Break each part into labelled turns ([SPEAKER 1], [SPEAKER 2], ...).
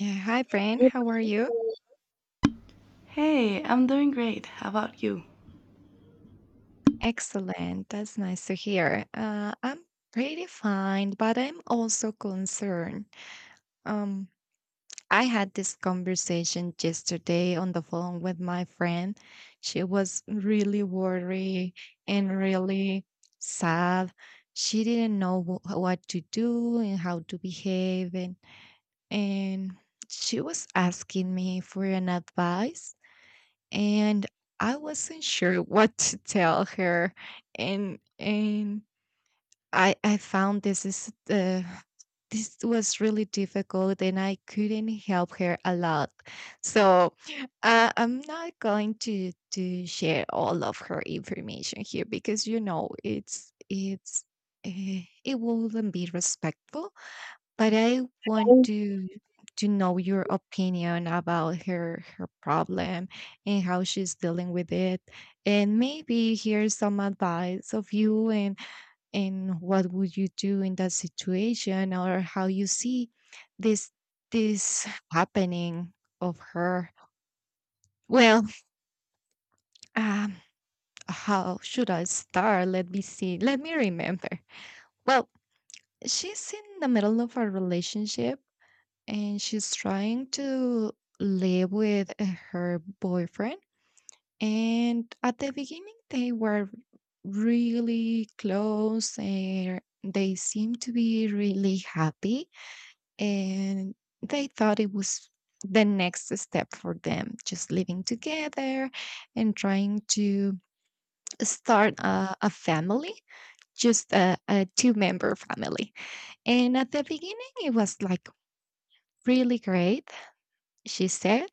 [SPEAKER 1] Yeah, hi, Brain. How are you?
[SPEAKER 2] Hey, I'm doing great. How about you?
[SPEAKER 1] Excellent. That's nice to hear. I'm pretty fine, but I'm also concerned. Um, I had this conversation yesterday on the phone with my friend. She was really worried and really sad. She didn't know what to do and how to behave, and she was asking me for an advice, and I wasn't sure what to tell her, and I found this was really difficult, and I couldn't help her a lot. So I'm not going to share all of her information here because uh, it wouldn't be respectful, but I want
[SPEAKER 2] Oh.
[SPEAKER 1] to know your opinion about her problem and how she's dealing with it, and maybe here's some advice of you, and what would you do in that situation, or how you see this this happening of her. Well, um how should I start? Let me see, let me remember. Well, she's in the middle of a relationship, and she's trying to live with her boyfriend. And at the beginning, they were really close, and they seemed to be really happy. And they thought it was the next step for them, just living together and trying to start a family, just a two-member family. And at the beginning, it was like really great, she said.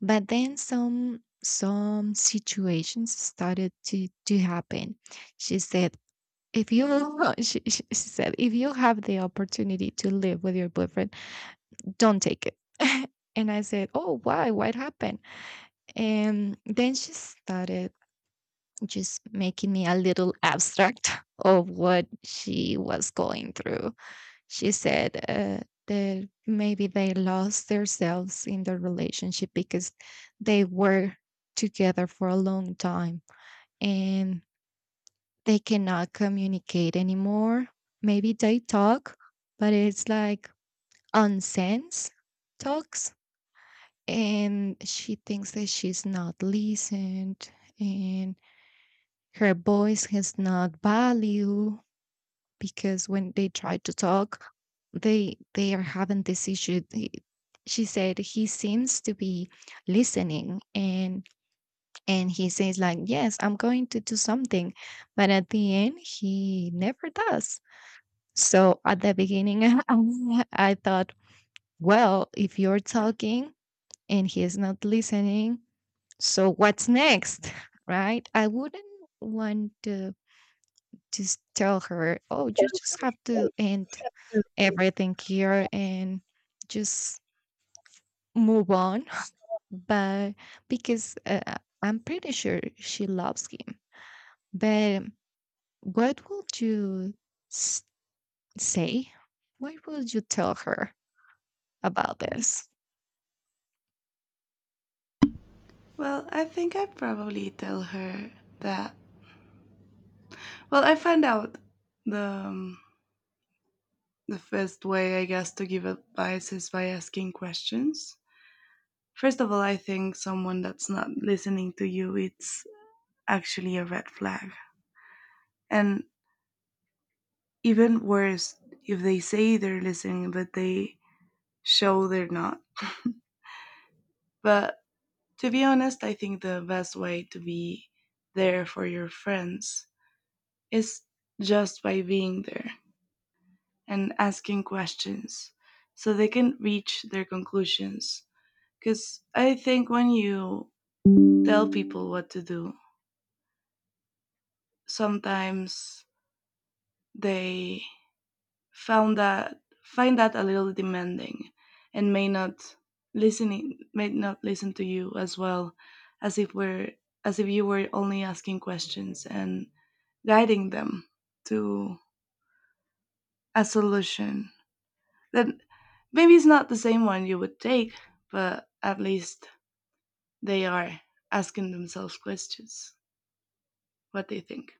[SPEAKER 1] But then some situations started to happen. She said, if you she said, if you have the opportunity to live with your boyfriend, don't take it. And I said, oh, why? What happened? And then she started just making me a little abstract of what she was going through. She said that maybe they lost themselves in the relationship because they were together for a long time, and they cannot communicate anymore. Maybe they talk, but it's like nonsense talks. And she thinks that she's not listened, and her voice has not value because when they try to talk, they are having this issue. She said he seems to be listening, and he says like, "Yes, I'm going to do something," but at the end he never does. So at the beginning, I thought, well, if you're talking and he is not listening, so what's next? Right? I wouldn't want to just tell her, oh, you just have to end everything here and just move on. But because I'm pretty sure she loves him. But what would you s- say? What would you tell her about this?
[SPEAKER 2] Well, I think I probably tell her that. Well, I find out the the best way, I guess, to give advice is by asking questions. First of all, I think someone that's not listening to you, it's actually a red flag. And even worse, if they say they're listening but they show they're not. But to be honest, I think the best way to be there for your friends is just by being there and asking questions so they can reach their conclusions. Because I think when you tell people what to do, sometimes they found that find that a little demanding and may not listen to you as well as if we're as if you were only asking questions and guiding them to a solution that maybe it's not the same one you would take, but at least they are asking themselves questions what they think.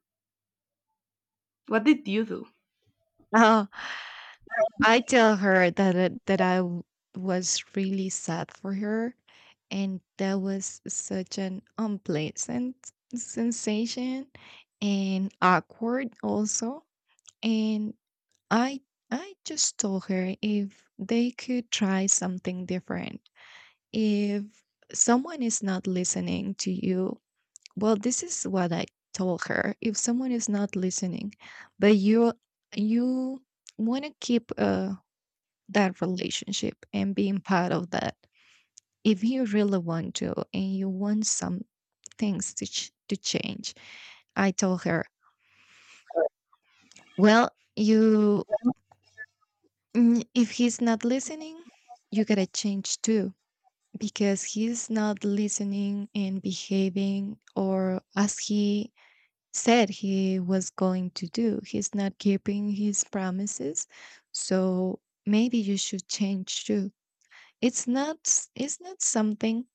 [SPEAKER 2] What did you do?
[SPEAKER 1] Oh, I tell her that that I was really sad for her, and that was such an unpleasant sensation and awkward also. And I I just told her if they could try something different. If someone is not listening to you, well, this is what I told her. If someone is not listening, but you want to keep that relationship and being part of that. If you really want to and you want some things to to change, I told her, well, you if he's not listening, you gotta change too because he's not listening and behaving or as he said he was going to do. He's not keeping his promises. So maybe you should change too. It's not something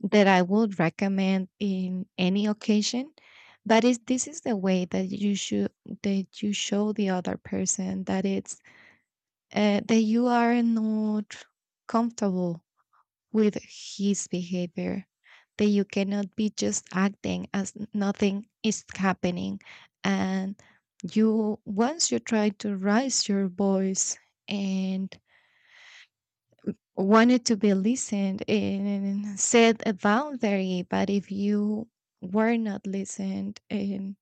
[SPEAKER 1] that I would recommend in any occasion, but this is the way that you show the other person that it's that you are not comfortable with his behavior, that you cannot be just acting as nothing is happening, and you once you try to raise your voice and wanted to be listened and set a boundary. But if you were not listened and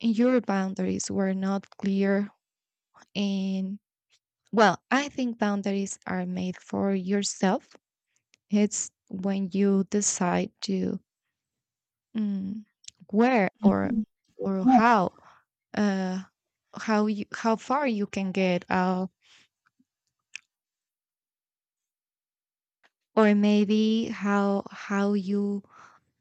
[SPEAKER 1] your boundaries were not clear, and well, I think boundaries are made for yourself. It's when you decide to. Mm. Where or
[SPEAKER 2] Mhm.
[SPEAKER 1] or how uh how you how far you can get, or maybe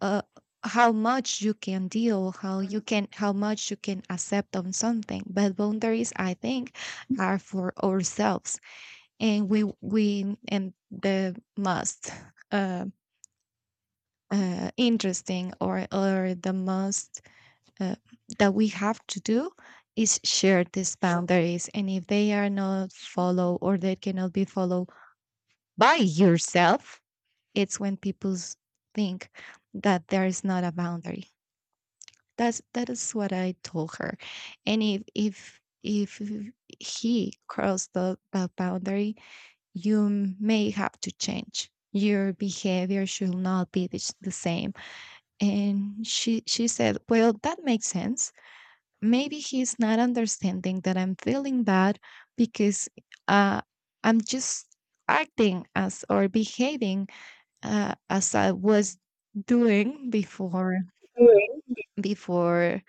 [SPEAKER 1] uh how much you can accept on something. But boundaries, I think, are for ourselves. And we and the most uh, interesting, or the most, uh, that we have to do is share these boundaries, and if they are not followed or they cannot be followed by yourself, it's when people think that there is not a boundary. That is what I told her. And if he crossed the boundary, you may have to change. Your behavior should not be the same. And she said, well, that makes sense. Maybe he's not understanding that I'm feeling bad because uh, I'm just acting as or behaving as I was doing before, before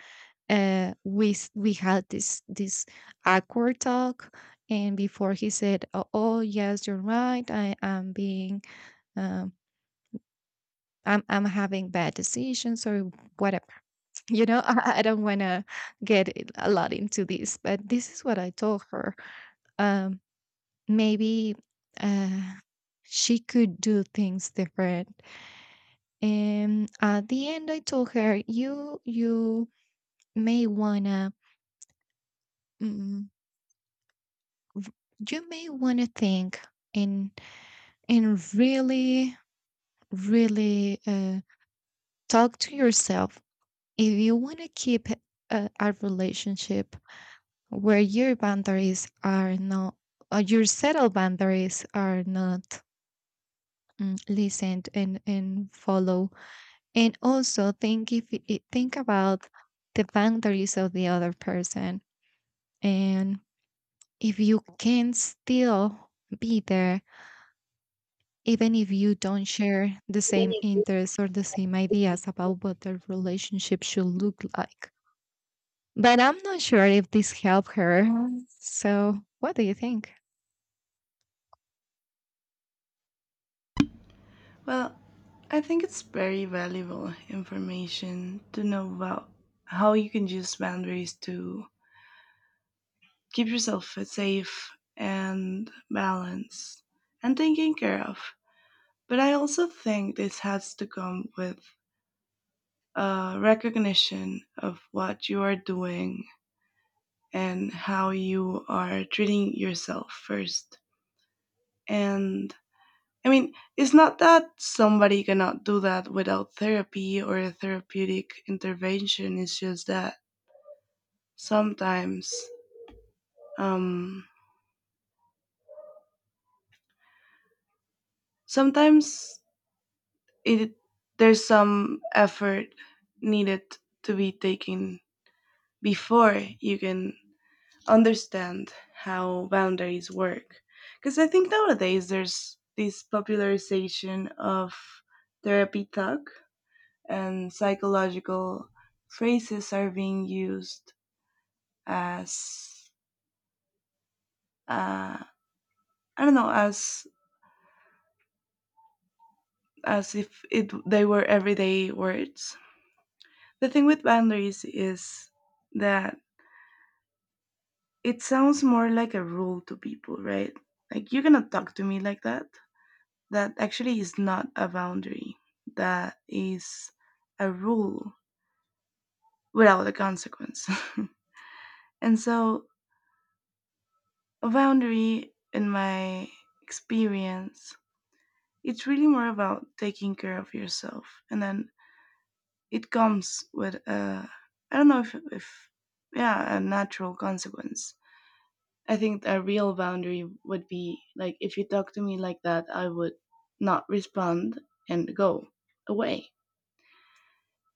[SPEAKER 1] we we had this awkward talk. And before he said, oh, oh yes, you're right, I am being um, I'm having bad decisions or whatever. I don't want to get it a lot into this, but this is what I told her. Um, maybe uh, she could do things different. And at the end, I told her, you may wanna mm, may wanna think, and and really, really talk to yourself if you wanna keep a relationship where your settled boundaries are not listened and follow. And also think if think about the boundaries of the other person, and if you can still be there even if you don't share the same interests or the same ideas about what the relationship should look like. But I'm not sure if this helped her. So, what do you think?
[SPEAKER 2] Well, I think it's very valuable information to know about how you can use boundaries to keep yourself safe and balanced and taken care of. But I also think this has to come with a recognition of what you are doing and how you are treating yourself first. And I mean, it's not that somebody cannot do that without therapy or a therapeutic intervention. It's just that sometimes, um, sometimes it there's some effort needed to be taken before you can understand how boundaries work, because I think nowadays there's this popularization of therapy talk and psychological phrases are being used as, uh, I don't know, as if it they were everyday words. The thing with boundaries is that it sounds more like a rule to people, right? Like, you're gonna talk to me like that. That actually is not a boundary, that is a rule without a consequence. And so, a boundary, in my experience, it's really more about taking care of yourself. And then it comes with a, I don't know if yeah, a natural consequence. I think a real boundary would be like, if you talk to me like that, I would not respond and go away.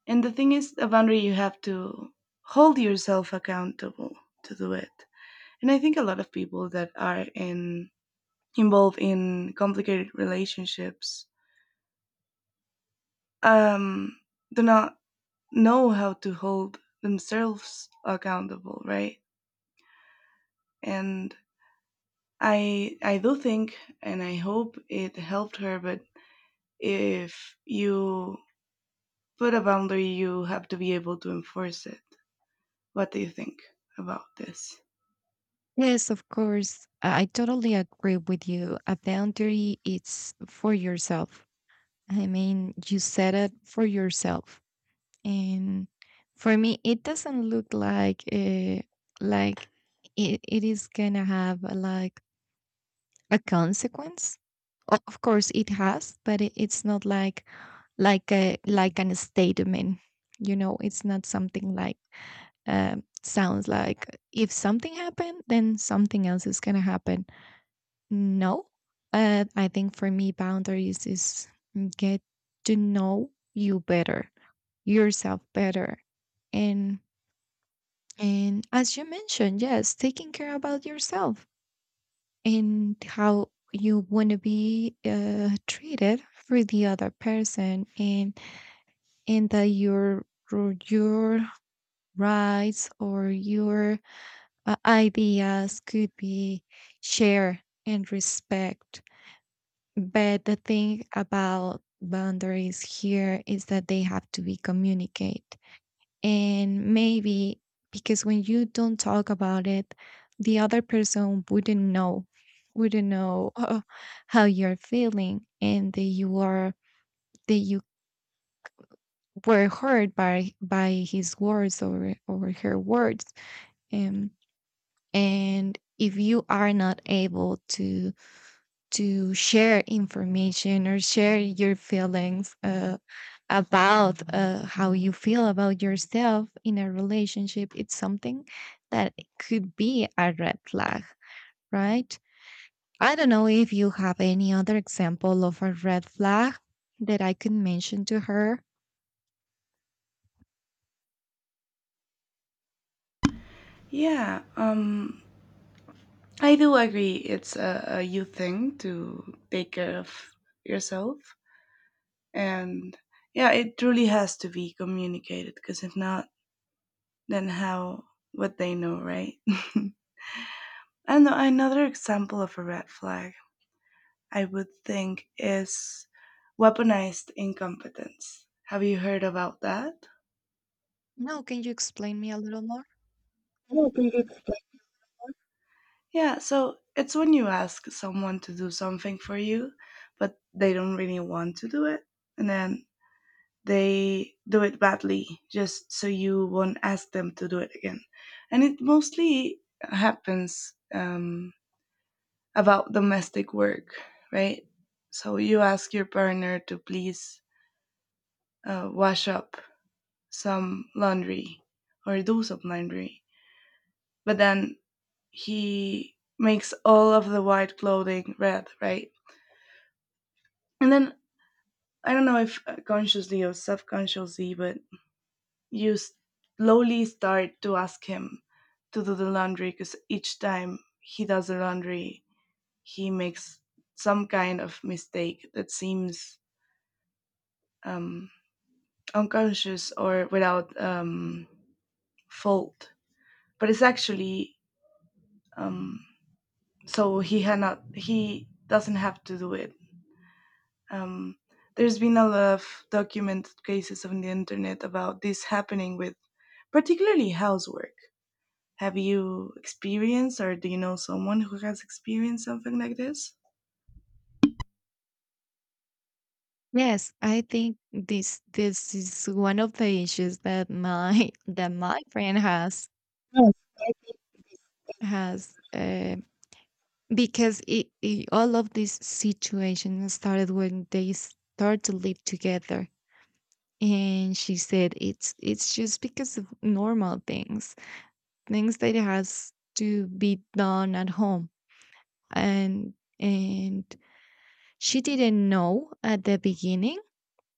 [SPEAKER 2] And the thing is, a boundary you have to hold yourself accountable to do it. And I think a lot of people that are in involved in complicated relationships um, do not know how to hold themselves accountable, right? And I do think, and I hope it helped her. But if you put a boundary, you have to be able to enforce it. What do you think about this?
[SPEAKER 1] Yes, of course. I totally agree with you. A boundary it's for yourself. I mean, you set it for yourself, and for me it doesn't look like it is gonna have like a consequence. Of course it has, but it's not like a like an statement. It's not something like sounds like if something happened then something else is gonna happen. No, I think for me boundaries is get to know you better, yourself better. and And as you mentioned, yes, taking care about yourself and how you want to be treated for the other person, and that your rights or your ideas could be shared and respect. But the thing about boundaries here is that they have to be communicated. And maybe because when you don't talk about it, the other person wouldn't know, wouldn't know uh, how you're feeling, and that you were hurt by his words, or her words. Um, and if you are not able to share information or share your feelings about how you feel about yourself in a relationship, it's something that it could be a red flag, right? I don't know if you have any other example of a red flag that I could mention to her.
[SPEAKER 2] Yeah. I do agree. It's a youth thing to take care of yourself. And yeah, it truly has to be communicated because if not, then how would they know, right? And another example of a red flag I would think is weaponized incompetence. Have you heard about that?
[SPEAKER 1] No, can you explain me a little more?
[SPEAKER 2] I don't think it's. Yeah, so it's when you ask someone to do something for you, but they don't really want to do it. And then they do it badly just so you won't ask them to do it again. And it mostly happens about domestic work, right? So you ask your partner to please wash up some laundry or do some laundry, but then he makes all of the white clothing red, right? And then I don't know if consciously or subconsciously, but you slowly start to ask him to do the laundry because each time he does the laundry, he makes some kind of mistake that seems um, unconscious or without fault. But it's actually, um, so he had not he doesn't have to do it. Um, there's been a lot of documented cases on the internet about this happening with particularly housework. Have you experienced or do you know someone who has experienced something like this?
[SPEAKER 1] Yes, I think this is one of the issues that my that my friend has has uh, because all of this situation started when they start to live together. And she said it's just because of normal things, that has to be done at home, and and she didn't know at the beginning,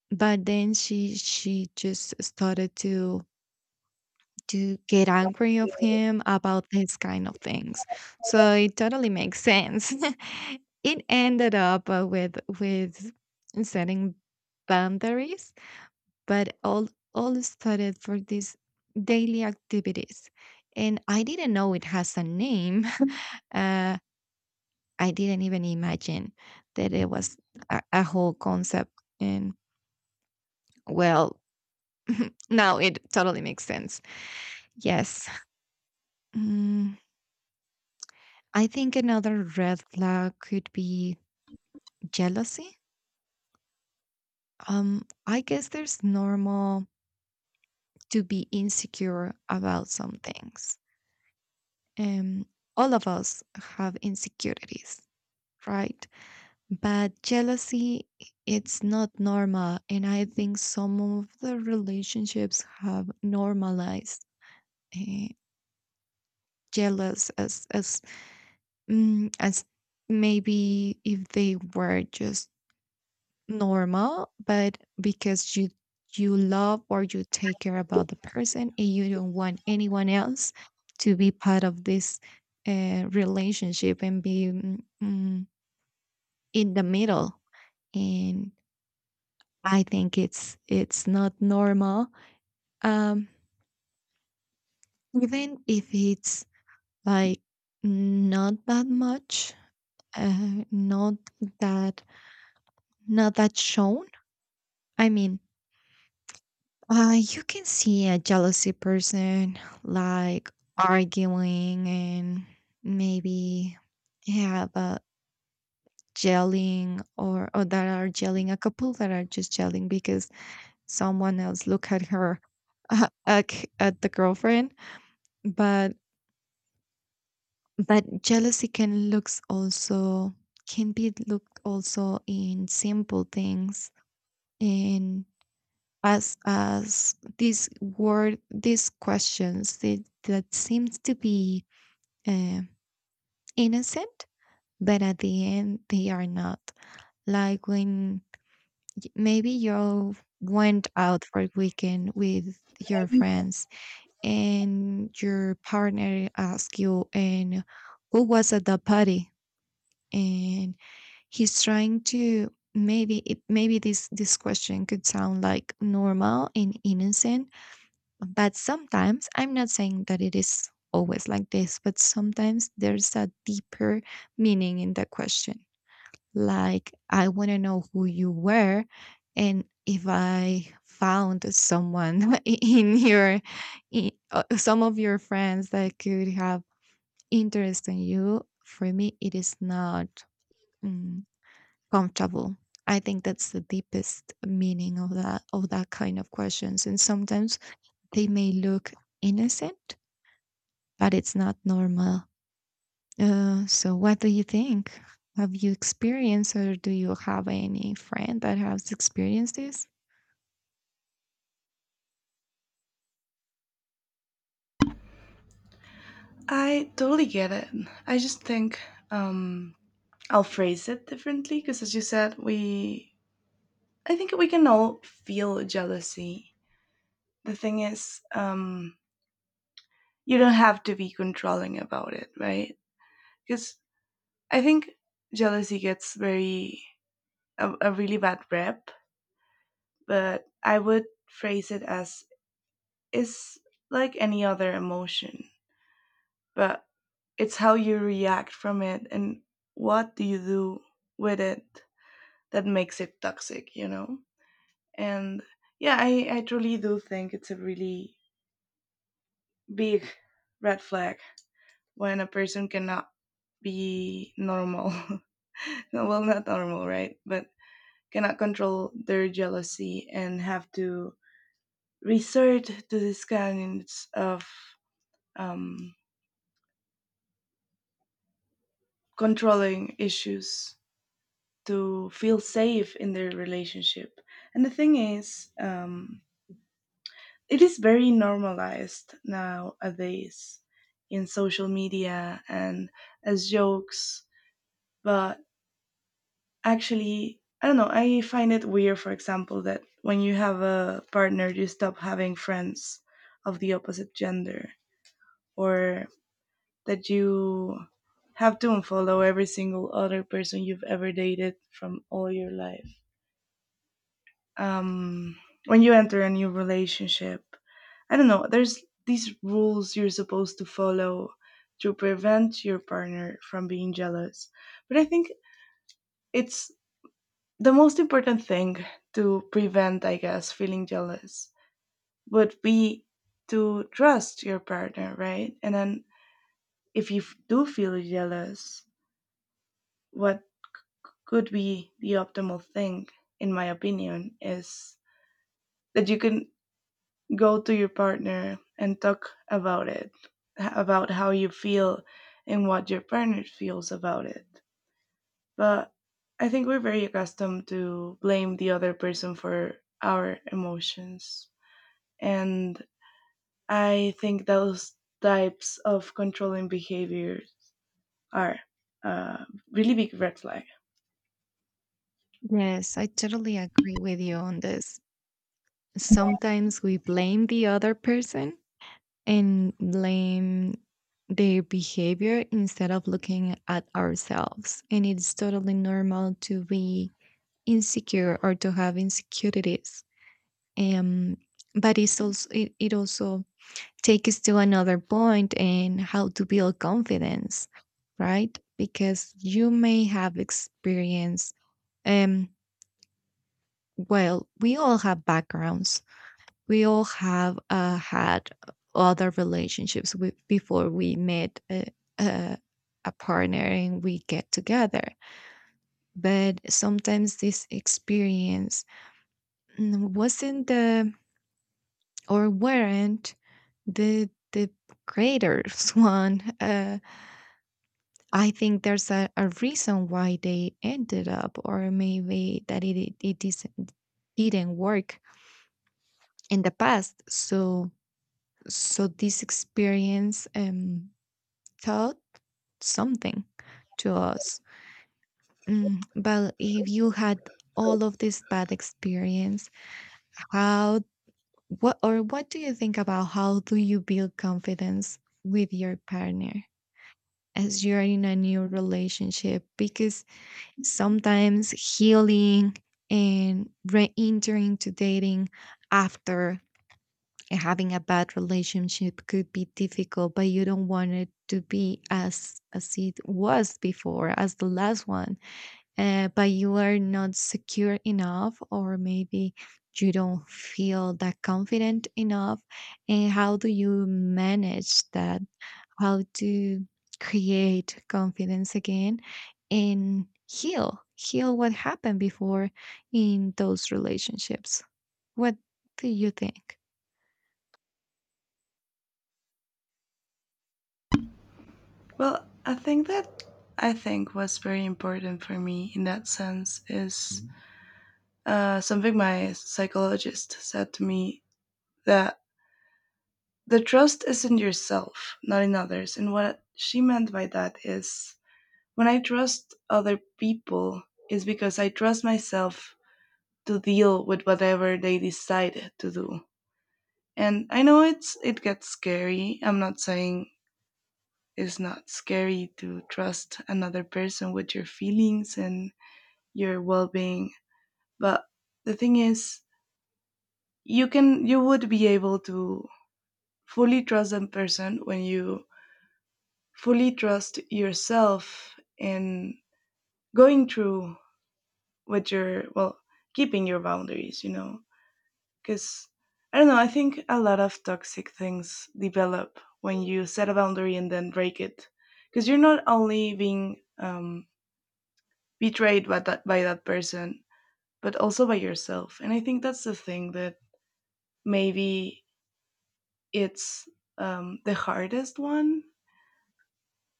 [SPEAKER 1] but then she just started to get angry of him about this kind of things. So it totally makes sense. It ended up with setting boundaries, but all started for these daily activities, and I didn't know it has a name. Uh, I didn't even imagine that it was a whole concept. And well, now it totally makes sense. Yes. Mm. I think another red flag could be jealousy. I guess there's normal to be insecure about some things. Um, all of us have insecurities, right? But jealousy, it's not normal, and I think some of the relationships have normalized uh, jealous as maybe if they were just normal, but because you love or you take care about the person, and you don't want anyone else to be part of this relationship and be in the middle. And I think it's not normal, um, even if it's like not that much, not that shown. I mean, you can see a jealousy person like arguing and maybe have a yelling or that are yelling a couple that are just yelling because someone else look at her uh, at, at the girlfriend but but jealousy can looks also can be looked also in simple things and as this word these questions that seems to be uh, innocent but at the end they are not, like when maybe you went out for a weekend with your friends and your partner asks you, and who was at the party? And he's trying to maybe it maybe this question could sound like normal and innocent. But sometimes, I'm not saying that it is always like this, but sometimes there's a deeper meaning in the question. Like, I want to know who you were and if I found someone in your, in, some of your friends that could have interest in you, for me, it is not mm, comfortable. I think that's the deepest meaning of that kind of questions, and sometimes they may look innocent but it's not normal. So, what do you think? Have you experienced, or do you have any friend that has experienced this?
[SPEAKER 2] I totally get it. I just think, um, I'll phrase it differently because, as you said, we I think we can all feel jealousy. The thing is, you don't have to be controlling about it, right? Because I think jealousy gets very a really bad rep, but I would phrase it as is like any other emotion, but it's how you react from it and what do you do with it that makes it toxic, you know? And yeah, I truly do think it's a really big red flag when a person cannot be normal. No, well, not normal, right, but cannot control their jealousy and have to resort to these kinds of um, controlling issues to feel safe in their relationship. And the thing is, it is very normalized nowadays in social media and as jokes, but actually, I don't know, I find it weird, for example, that when you have a partner, you stop having friends of the opposite gender, or that you have to unfollow every single other person you've ever dated from all your life. um when you enter a new relationship, I don't know, there's these rules you're supposed to follow to prevent your partner from being jealous. But I think it's the most important thing to prevent, I guess, feeling jealous would be to trust your partner, right? And then if you do feel jealous, what could be the optimal thing, in my opinion, is that you can go to your partner and talk about it, about how you feel and what your partner feels about it. But I think we're very accustomed to blame the other person for our emotions. And I think those types of controlling behaviors are a really big red flag.
[SPEAKER 1] Yes, I totally agree with you on this. Sometimes we blame the other person and blame their behavior instead of looking at ourselves. And it's totally normal to be insecure or to have insecurities. Um, but it's also it also take us to another point in how to build confidence, right? Because you may have experience. Um, well, we all have backgrounds. We all have had other relationships with, before we met uh, a partner and we get together. But sometimes this experience wasn't the or weren't the greatest one. I think there's a reason why they ended up, or maybe that it isn't, didn't work in the past. So, this experience taught something to us. Mm, but if you had all of this bad experience, how, what, or what do you think about how do you build confidence with your partner as you're in a new relationship? Because sometimes healing and re-entering to dating after having a bad relationship could be difficult, but you don't want it to be as it was before, as the last one. But you are not secure enough, or maybe you don't feel that confident enough. And how do you manage that? How to create confidence again and heal what happened before in those relationships? What do you think?
[SPEAKER 2] Well, I think that I think was very important for me in that sense is. Mhm. Something my psychologist said to me, that the trust is in yourself, not in others. And what she meant by that is when I trust other people, it's because I trust myself to deal with whatever they decide to do. And I know it's it gets scary. I'm not saying it's not scary to trust another person with your feelings and your well-being, but the thing is you would be able to fully trust that person when you fully trust yourself in going through what you're well, keeping your boundaries, you know? Because I don't know, I think a lot of toxic things develop when you set a boundary and then break it because you're not only being, betrayed by that person, but also by yourself. And I think that's the thing that maybe it's, the hardest one,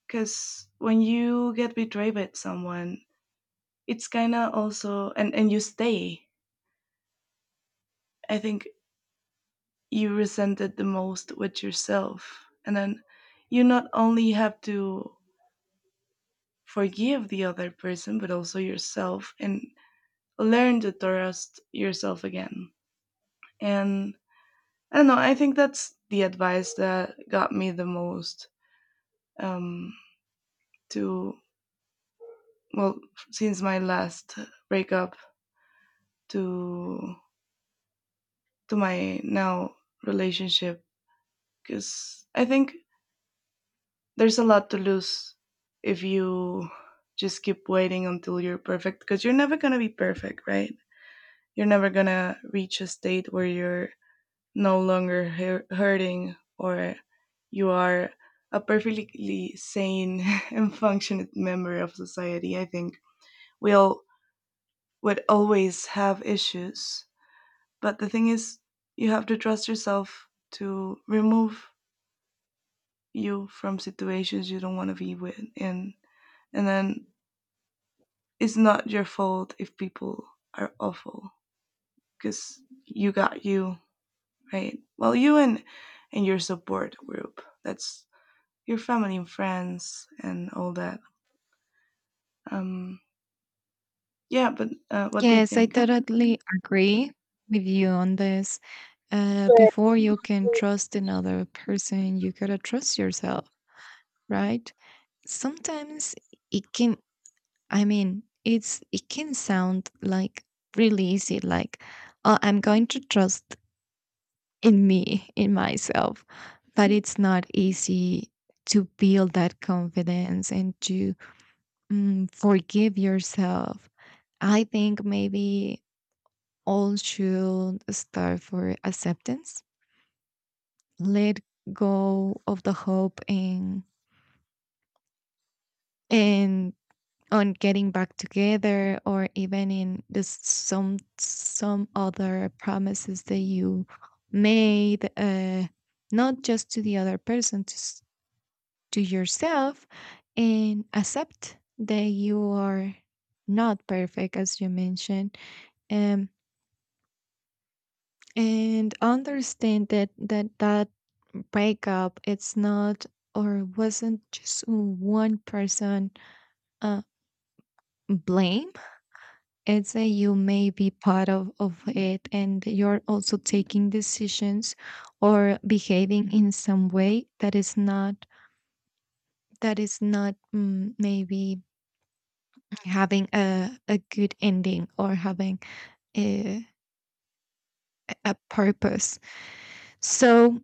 [SPEAKER 2] because when you get betrayed by someone, it's kind of also and you stay, I think, you resent it the most with yourself, and then you not only have to forgive the other person but also yourself, and learn to trust yourself again. And I don't know, I think that's the advice that got me the most, um to, well, since my last breakup to to my now relationship, because I think there's a lot to lose if you just keep waiting until you're perfect, because you're never going to be perfect, right? You're never going to reach a state where you're no longer hurting or you are a perfectly sane and functioning member of society. I think we all would always have issues. But the thing is, you have to trust yourself to remove you from situations you don't want to be with, and then it's not your fault if people are awful, because you got you, right? Well, you and your support group, that's your family and friends and all that. um yeah, but what do you
[SPEAKER 1] Yes, I
[SPEAKER 2] think?
[SPEAKER 1] totally agree with you on this. Before you can trust another person, you gotta trust yourself, right? Sometimes it can, I mean, it's it can sound like really easy, like, oh, I'm going to trust in me, in myself. But it's not easy to build that confidence and to forgive yourself. I think maybe all should start for acceptance. Let go of the hope and on getting back together, or even in this some other promises that you made not just to the other person, to yourself, and accept that you are not perfect, as you mentioned. um, and understand that that breakup it's not or wasn't just one person uh, blame. It's that you may be part of it and you're also taking decisions or behaving in some way that is not that is not, maybe, having a good ending or having a, a purpose. So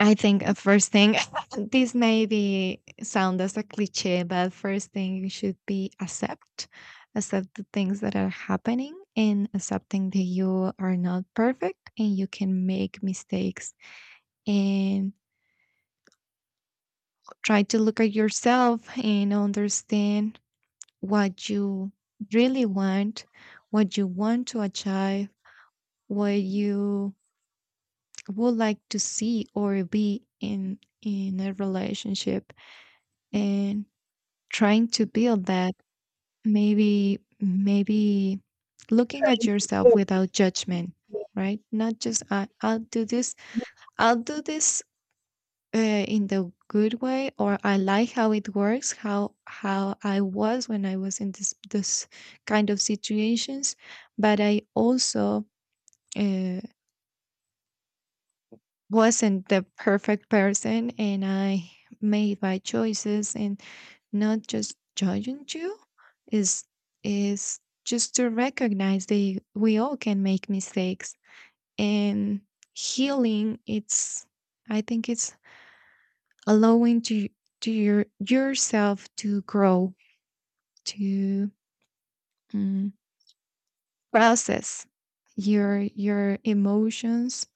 [SPEAKER 1] I think a first thing, this may be sound as a cliche, but first thing you should be accept the things that are happening and accepting that you are not perfect and you can make mistakes, and try to look at yourself and understand what you really want, what you want to achieve, what you would like to see or be in a relationship. And trying to build that, maybe looking at yourself without judgment, right? Not just I, I'll do this, I'll do this, uh, in the good way. Or I like how it works, how I was when I was in this kind of situations, but I also uh, wasn't the perfect person. And I made my choices, and not just judging you, is is just to recognize that we all can make mistakes. And healing it's I think it's allowing to your yourself to grow, to mm, process your emotions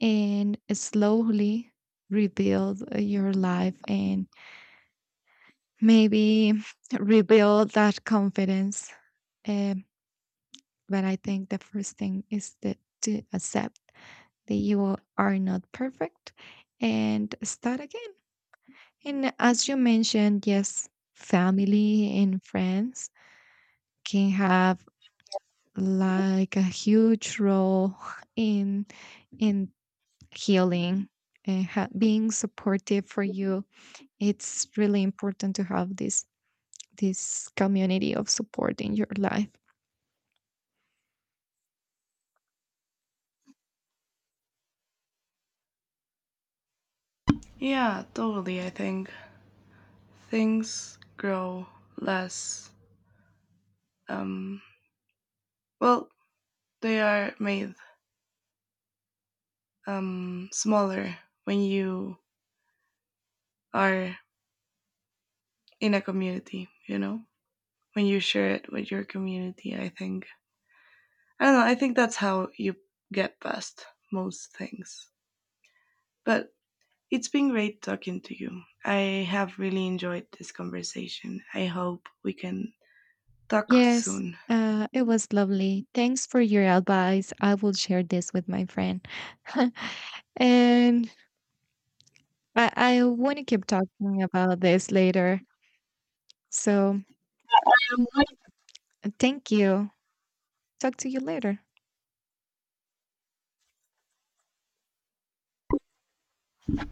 [SPEAKER 1] and slowly rebuild your life, and maybe rebuild that confidence. Um, but I think the first thing is that to accept that you are not perfect and start again. And as you mentioned, yes, family and friends can have like a huge role in in healing and being supportive for you. It's really important to have this this community of support in your life.
[SPEAKER 2] Yeah, totally. I think things grow less, um well, they are made, smaller when you are in a community, you know, when you share it with your community. I think I don't know. I think that's how you get past most things. But it's been great talking to you. I have really enjoyed this conversation. I hope we can talk
[SPEAKER 1] Yes,
[SPEAKER 2] soon.
[SPEAKER 1] it was lovely. Thanks for your advice. I will share this with my friend. And I want to keep talking about this later. So thank you. Talk to you later.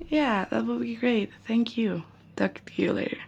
[SPEAKER 2] Yeah, that would be great. Thank you. Talk to you later.